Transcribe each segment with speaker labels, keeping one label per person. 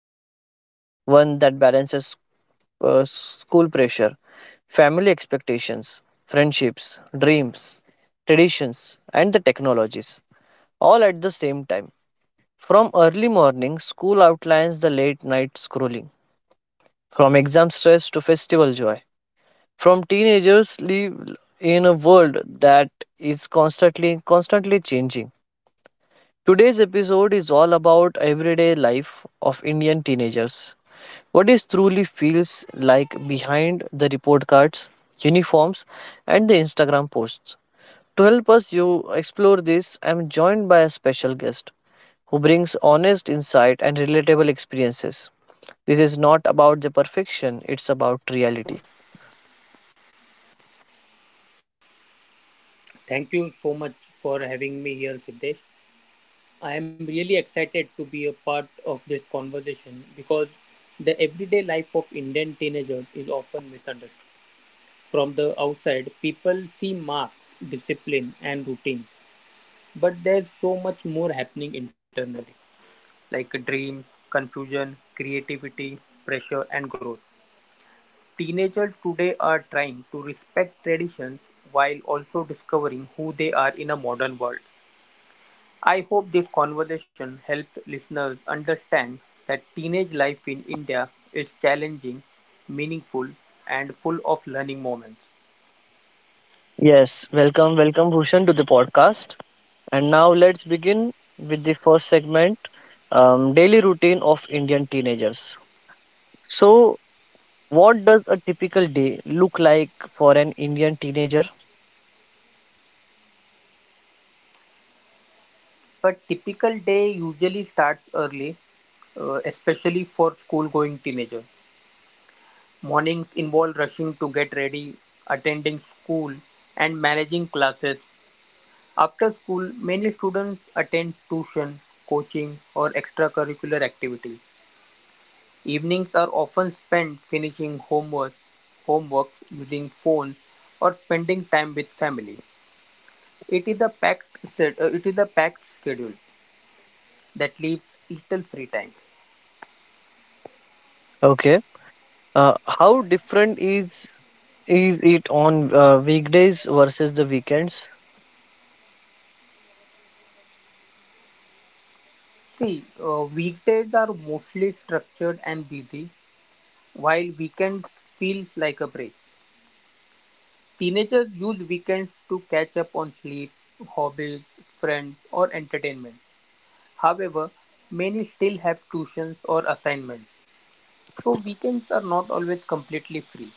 Speaker 1: journey, one that balances school pressure, family expectations, friendships, dreams, traditions, and the technologies, all at the same time. From early morning, school outlines the late night scrolling from exam stress to festival joy, from teenagers live in a world that is constantly changing. Today's episode is all about everyday life of Indian teenagers. What is truly feels like behind the report cards, uniforms, and the Instagram posts. To help us you explore this, I am joined by a special guest who brings honest insight and relatable experiences. This is not about the perfection, it's about reality.
Speaker 2: Thank you so much for having me here, Siddesh. I am really excited to be a part of this conversation because the everyday life of Indian teenagers is often misunderstood. From the outside, people see marks, discipline, and routines, but there's so much more happening internally, like dreams, confusion, creativity, pressure, and growth. Teenagers today are trying to respect traditions while also discovering who they are in a modern world. I hope this conversation helps listeners understand that teenage life in India is challenging, meaningful, and full of learning moments.
Speaker 1: Yes, welcome Bhushan to the podcast. And now let's begin with the first segment, daily routine of Indian teenagers. So, what does a typical day look like for an Indian teenager?
Speaker 2: A typical day usually starts early, especially for school going teenagers. Mornings involve rushing to get ready, attending school, and managing classes. After school, many students attend tuition, coaching, or extracurricular activities. Evenings are often spent finishing homework using phones or spending time with family. It is a packed schedule that leaves little free time.
Speaker 1: Okay, how different is it on weekdays versus the weekends?
Speaker 2: See, weekdays are mostly structured and busy, while weekends feels like a break. Teenagers use weekends to catch up on sleep, hobbies, friends, or entertainment. However, many still have tuitions or assignments. So weekends are not always completely free.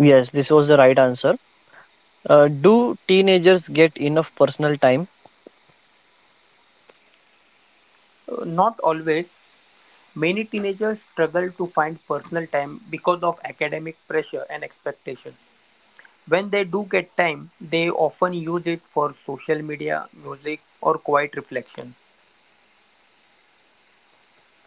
Speaker 1: Yes, this was the right answer. Do teenagers get enough personal time?
Speaker 2: Not always. Many teenagers struggle to find personal time because of academic pressure and expectations. When they do get time, they often use it for social media, music, or quiet reflection.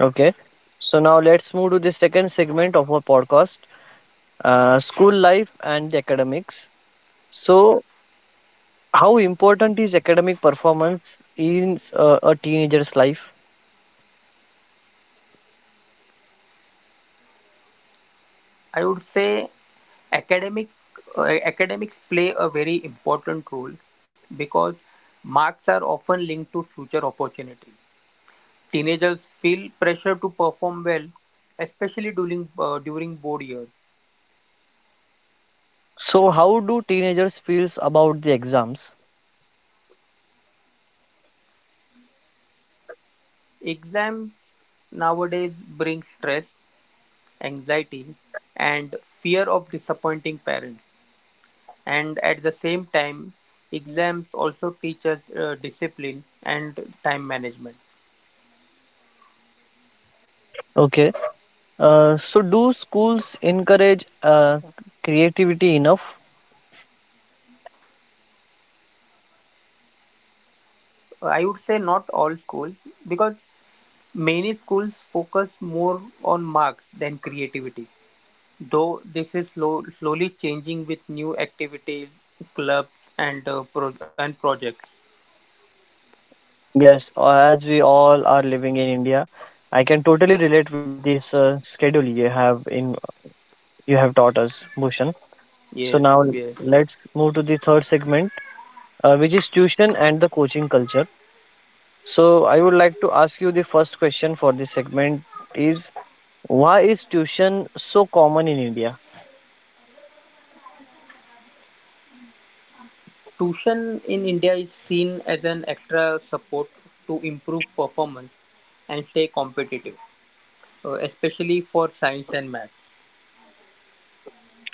Speaker 1: Okay, so now let's move to the second segment of our podcast, school life and the academics. So, how important is academic performance in a teenager's life?
Speaker 2: I would say academic academics play a very important role because marks are often linked to future opportunities. Teenagers feel pressure to perform well, especially during board years.
Speaker 1: So, how do teenagers feels about the exams?
Speaker 2: Exams nowadays bring stress, anxiety, and fear of disappointing parents. And at the same time, exams also teach us discipline and time management.
Speaker 1: Okay. So, do schools encourage creativity enough?
Speaker 2: I would say not all schools because many schools focus more on marks than creativity. Though this is slowly changing with new activities, clubs, and and projects.
Speaker 1: Yes, as we all are living in India, I can totally relate with this schedule you have in you have taught us, Bhushan. So
Speaker 2: Yes,
Speaker 1: now
Speaker 2: yes.
Speaker 1: let's move to the third segment, which is tuition and the coaching culture. So I would like to ask you the first question for this segment is, why is tuition so common in India?
Speaker 2: Tuition in India is seen as an extra support to improve performance and stay competitive, especially for science and math.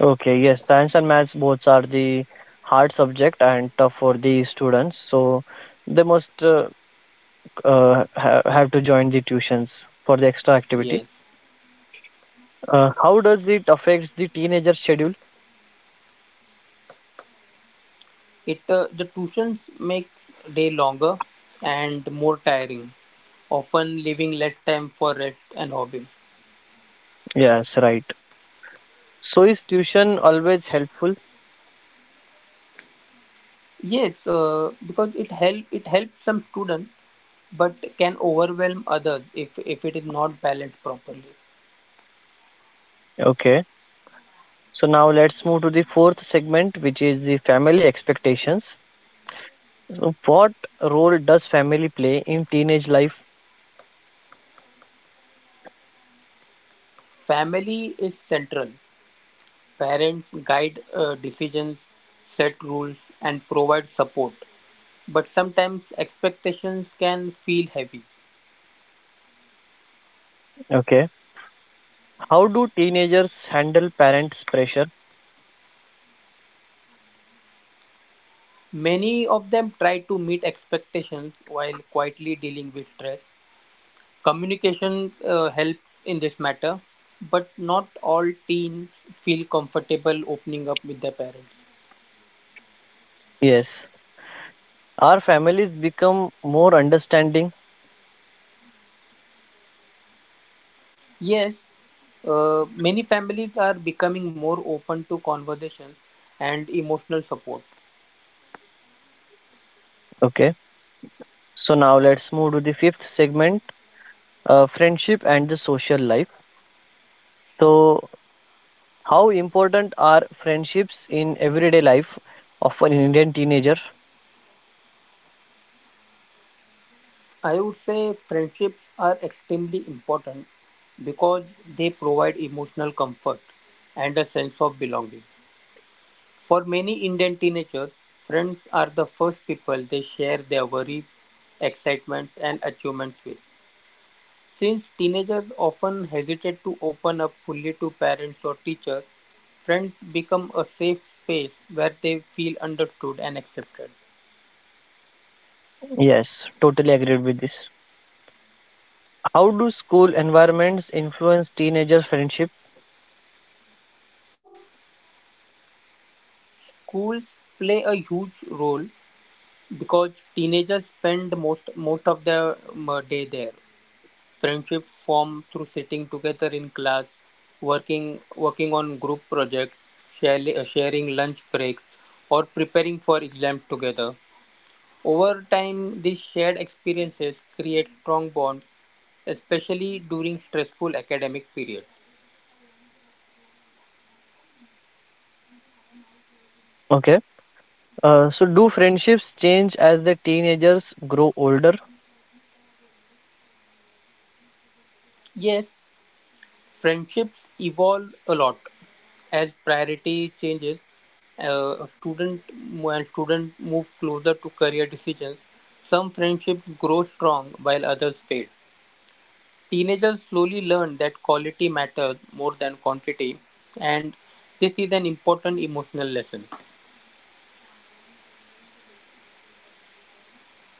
Speaker 1: Okay, yes, science and maths both are the hard subject and tough for the students. So they must have to join the tuitions for the extra activity.
Speaker 2: Yes,
Speaker 1: How does it affect the teenager schedule?
Speaker 2: it the tuitions make day longer and more tiring, often leaving less time for rest and hobby.
Speaker 1: Yes, right. So is tuition always helpful?
Speaker 2: Yes, because it helps some students, but can overwhelm others if it is not balanced properly.
Speaker 1: Okay. So now let's move to the fourth segment, which is the family expectations. So, what role does family play in teenage life?
Speaker 2: Family is central. Parents guide decisions, set rules, and provide support. But sometimes expectations can feel heavy.
Speaker 1: Okay. How do teenagers handle parents' pressure?
Speaker 2: Many of them try to meet expectations while quietly dealing with stress. Communication helps in this matter, but not all teens feel comfortable opening up with their parents.
Speaker 1: Yes. Our families become more understanding.
Speaker 2: Yes, many families are becoming more open to conversations and emotional support.
Speaker 1: Okay. So now let's move to the fifth segment, friendship and the social life. So, how important are friendships in everyday life of an Indian teenager?
Speaker 2: I would say friendships are extremely important because they provide emotional comfort and a sense of belonging. For many Indian teenagers, friends are the first people they share their worries, excitements, and achievements with. Since teenagers often hesitate to open up fully to parents or teachers, friends become a safe space where they feel understood and accepted.
Speaker 1: Yes, totally agreed with this. How do school environments influence teenagers' friendship?
Speaker 2: Schools play a huge role because teenagers spend most of their day there. Friendships form through sitting together in class, working on group projects, sharing lunch breaks, or preparing for exams together. Over time, these shared experiences create strong bonds, especially during stressful academic periods.
Speaker 1: Okay. So, do friendships change as the teenagers grow older?
Speaker 2: Yes, friendships evolve a lot as priority changes. A student when students move closer to career decisions, some friendships grow strong while others fade. Teenagers slowly learn that quality matters more than quantity, and this is an important emotional lesson.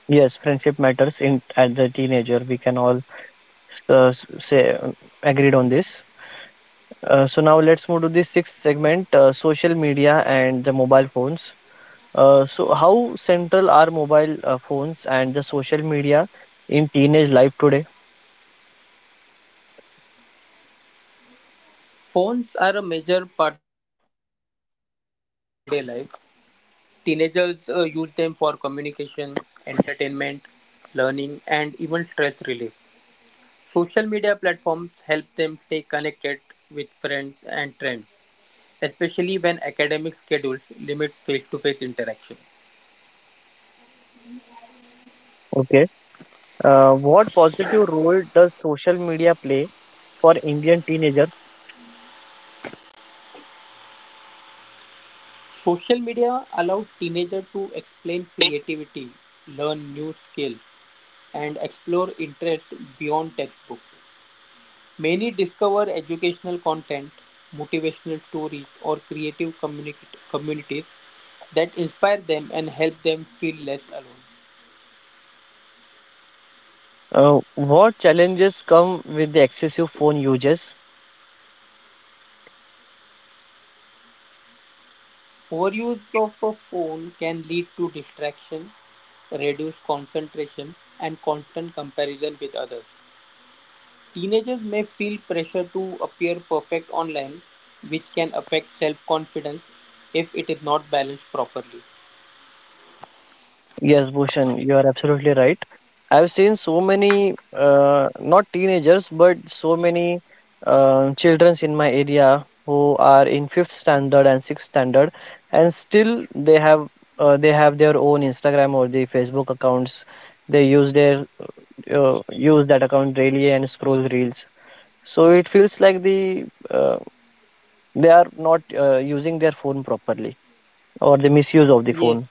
Speaker 1: Yes, friendship matters in as a teenager. We can all say agreed on this. So now let's move to the sixth segment: social media and the mobile phones. So, how central are mobile phones and the social media in teenage life today?
Speaker 2: Phones are a major part of everyday life. Teenagers use them for communication, entertainment, learning, and even stress relief. Social media platforms help them stay connected with friends and trends, especially when academic schedules limit face to face interaction.
Speaker 1: Okay. What positive role does social media play for Indian teenagers?
Speaker 2: Social media allows teenagers to explain creativity, learn new skills, and explore interests beyond textbooks. Many discover educational content, motivational stories, or communities that inspire them and help them feel less alone.
Speaker 1: What challenges come with the excessive phone usage?
Speaker 2: Overuse of a phone can lead to distraction, reduced concentration, and constant comparison with others. Teenagers may feel pressure to appear perfect online, which can affect self confidence if it is not balanced properly.
Speaker 1: Yes, Bhushan, you are absolutely right. I've seen so many, not teenagers, but so many childrens in my area who are in fifth standard and sixth standard, and still they have their own Instagram or the Facebook accounts. They use their use that account daily and scroll reels. So it feels like uh, they are not using their phone properly or the misuse of the
Speaker 2: Yes.
Speaker 1: phone.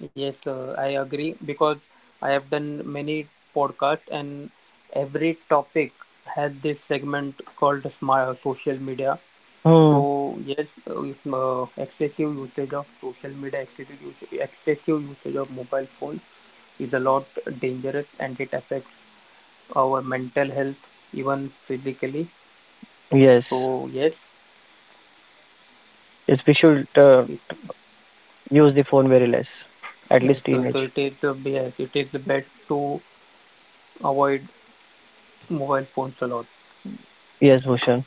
Speaker 2: Yes, I agree because I have done many podcasts and every topic has this segment called smart social media.
Speaker 1: Hmm.
Speaker 2: So yes, if, excessive usage of social media, excessive usage of mobile phones is a lot dangerous and it affects our mental health even physically.
Speaker 1: Yes.
Speaker 2: So yes,
Speaker 1: Yes, we should.
Speaker 2: it,
Speaker 1: Use the phone very less, at
Speaker 2: yes
Speaker 1: least
Speaker 2: so
Speaker 1: teenage.
Speaker 2: it is the best to avoid mobile phones a lot.
Speaker 1: Yes, Bhushan.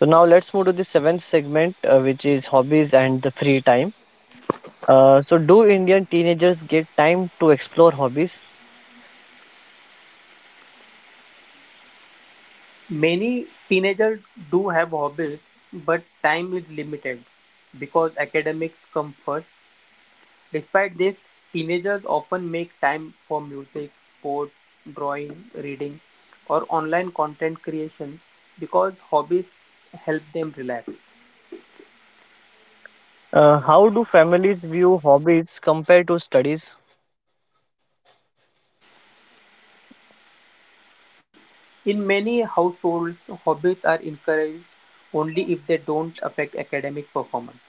Speaker 1: So now let's move to the seventh segment, which is hobbies and the free time. So, do Indian teenagers get time to explore hobbies?
Speaker 2: Many teenagers do have hobbies, but time is limited because academics come first. Despite this, teenagers often make time for music, sport, drawing, reading, or online content creation because hobbies help them relax.
Speaker 1: How do families view hobbies compared to studies?
Speaker 2: In many households, hobbies are encouraged only if they don't affect academic performance.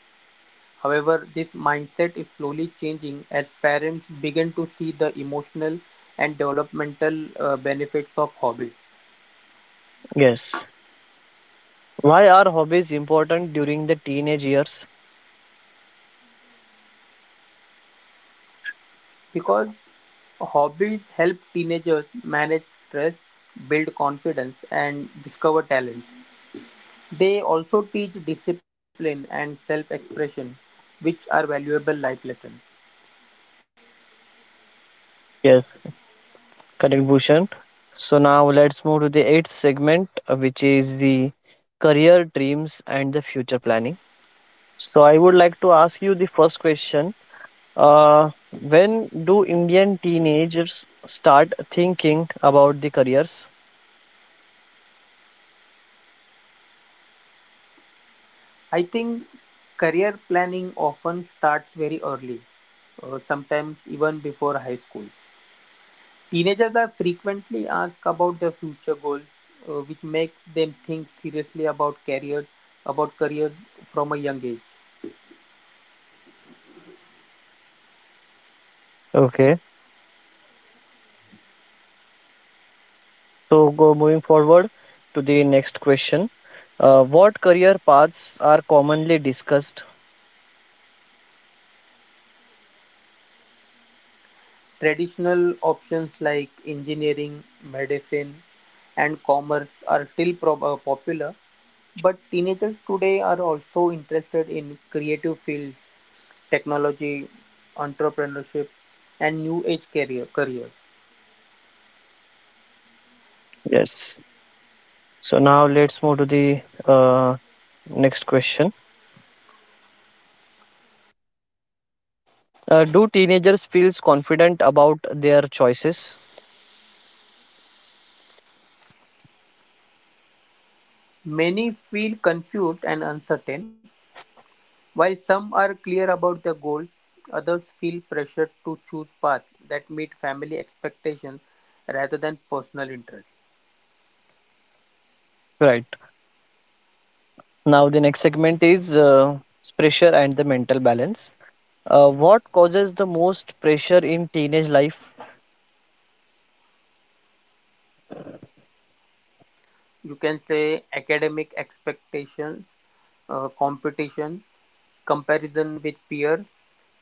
Speaker 2: However, this mindset is slowly changing as parents begin to see the emotional and developmental benefits of hobbies.
Speaker 1: Yes. Why are hobbies important during the teenage years?
Speaker 2: Because hobbies help teenagers manage stress, build confidence, and discover talents. They also teach discipline and self expression, which are valuable life lessons.
Speaker 1: Yes, correct, Bhushan. So now let's move to the eighth segment, which is the career dreams and the future planning. So I would like to ask you the first question. When do Indian teenagers start thinking about the careers?
Speaker 2: I think career planning often starts very early, sometimes even before high school. Teenagers are frequently asked about their future goal, which makes them think seriously about career from a young age.
Speaker 1: Okay, so go moving forward to the next question. What career paths are commonly discussed?
Speaker 2: Traditional options like engineering, medicine, and commerce are still popular, but teenagers today are also interested in creative fields, technology, entrepreneurship, and new age careers.
Speaker 1: Yes. So now let's move to the next question. Do teenagers feels confident about their choices?
Speaker 2: Many feel confused and uncertain. While some are clear about their goal, others feel pressured to choose paths that meet family expectations rather than personal interests.
Speaker 1: Right. Now the next segment is, pressure and the mental balance. What causes the most pressure in teenage life?
Speaker 2: You can say academic expectations, competition, comparison with peers,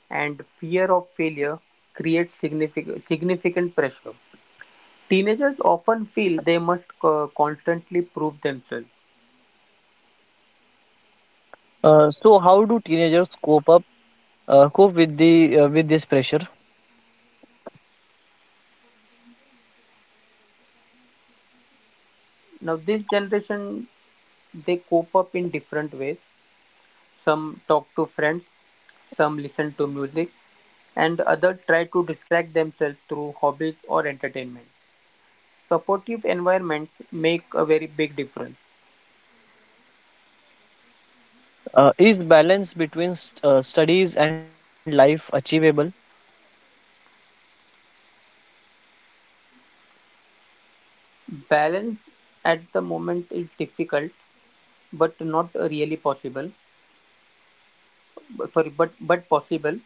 Speaker 2: and fear of failure create significant pressure. Teenagers often feel they must constantly prove themselves.
Speaker 1: So how do teenagers cope with the with this pressure?
Speaker 2: Now, this generation they cope up in different ways. Some talk to friends, some listen to music, and others try to distract themselves through hobbies or entertainment. Supportive environments make a very big difference.
Speaker 1: Is balance between studies and life achievable?
Speaker 2: Balance at the moment is difficult, but not really possible. Sorry, but possible.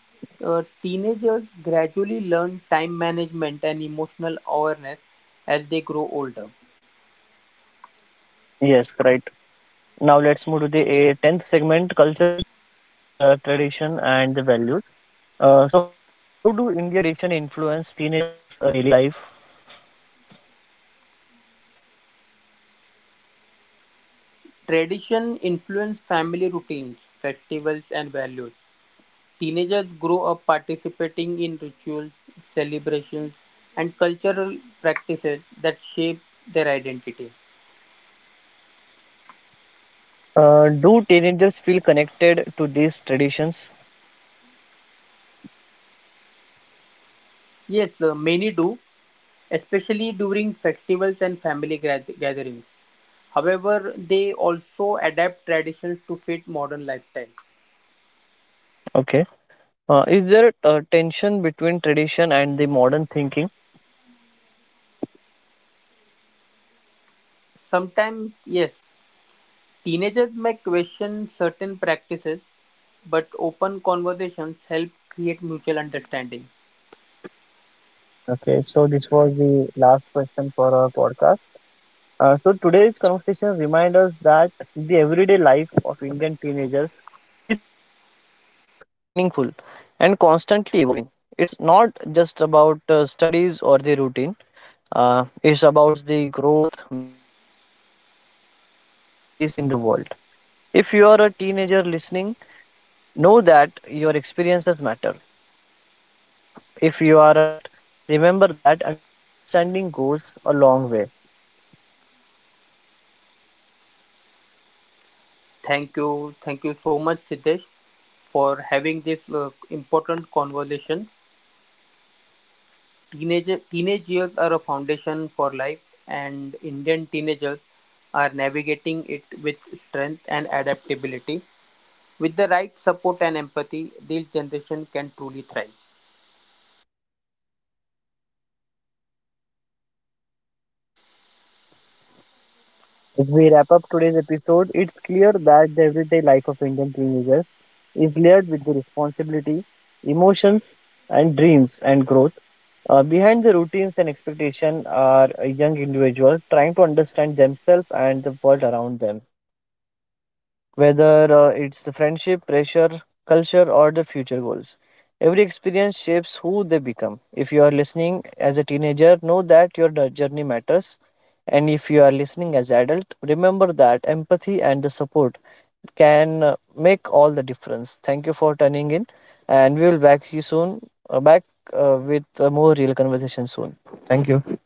Speaker 2: Teenagers gradually learn time management and emotional awareness as they grow older.
Speaker 1: Yes, right. Now let's move to the tenth segment: cultural tradition and the values. So, how do Indian tradition influence teenagers' daily life?
Speaker 2: Tradition influence family routines, festivals, and values. Teenagers grow up participating in rituals, celebrations, and cultural practices that shape their identity.
Speaker 1: Do teenagers feel connected to these traditions?
Speaker 2: Yes, many do, especially during festivals and family gatherings. However, they also adapt traditions to fit modern lifestyles.
Speaker 1: Okay. Is there a tension between tradition and the modern thinking?
Speaker 2: Sometimes, yes, teenagers may question certain practices, but open conversations help create mutual understanding.
Speaker 1: Okay, so this was the last question for our podcast. So today's conversation reminds us that the everyday life of Indian teenagers is complex, meaningful, and constantly evolving. It's not just about studies or the routine. It's about the growth, balance, and finding one's place in the world. If you are a teenager listening, know that your experiences matter, and you, if you are an adult, remember that understanding goes a long way.
Speaker 2: Thank you. Thank you so much, Siddesh, for having this important conversation. Teenage years are a foundation for life, and Indian teenagers are navigating it with strength and adaptability. With the right support and empathy, this generation can truly thrive.
Speaker 1: As we wrap up today's episode, it's clear that the everyday life of Indian teenagers is layered with the responsibility, emotions, and dreams and growth. Behind the routines and expectation are a young individual trying to understand themselves and the world around them, whether it's the friendship, pressure, culture, or the future goals. Every experience shapes who they become. If you are listening as a teenager, know that your journey matters. And if you are listening as adult, remember that empathy and the support can make all the difference. Thank you for tuning in, and we will back you soon. Back with more real conversation soon. Thank you.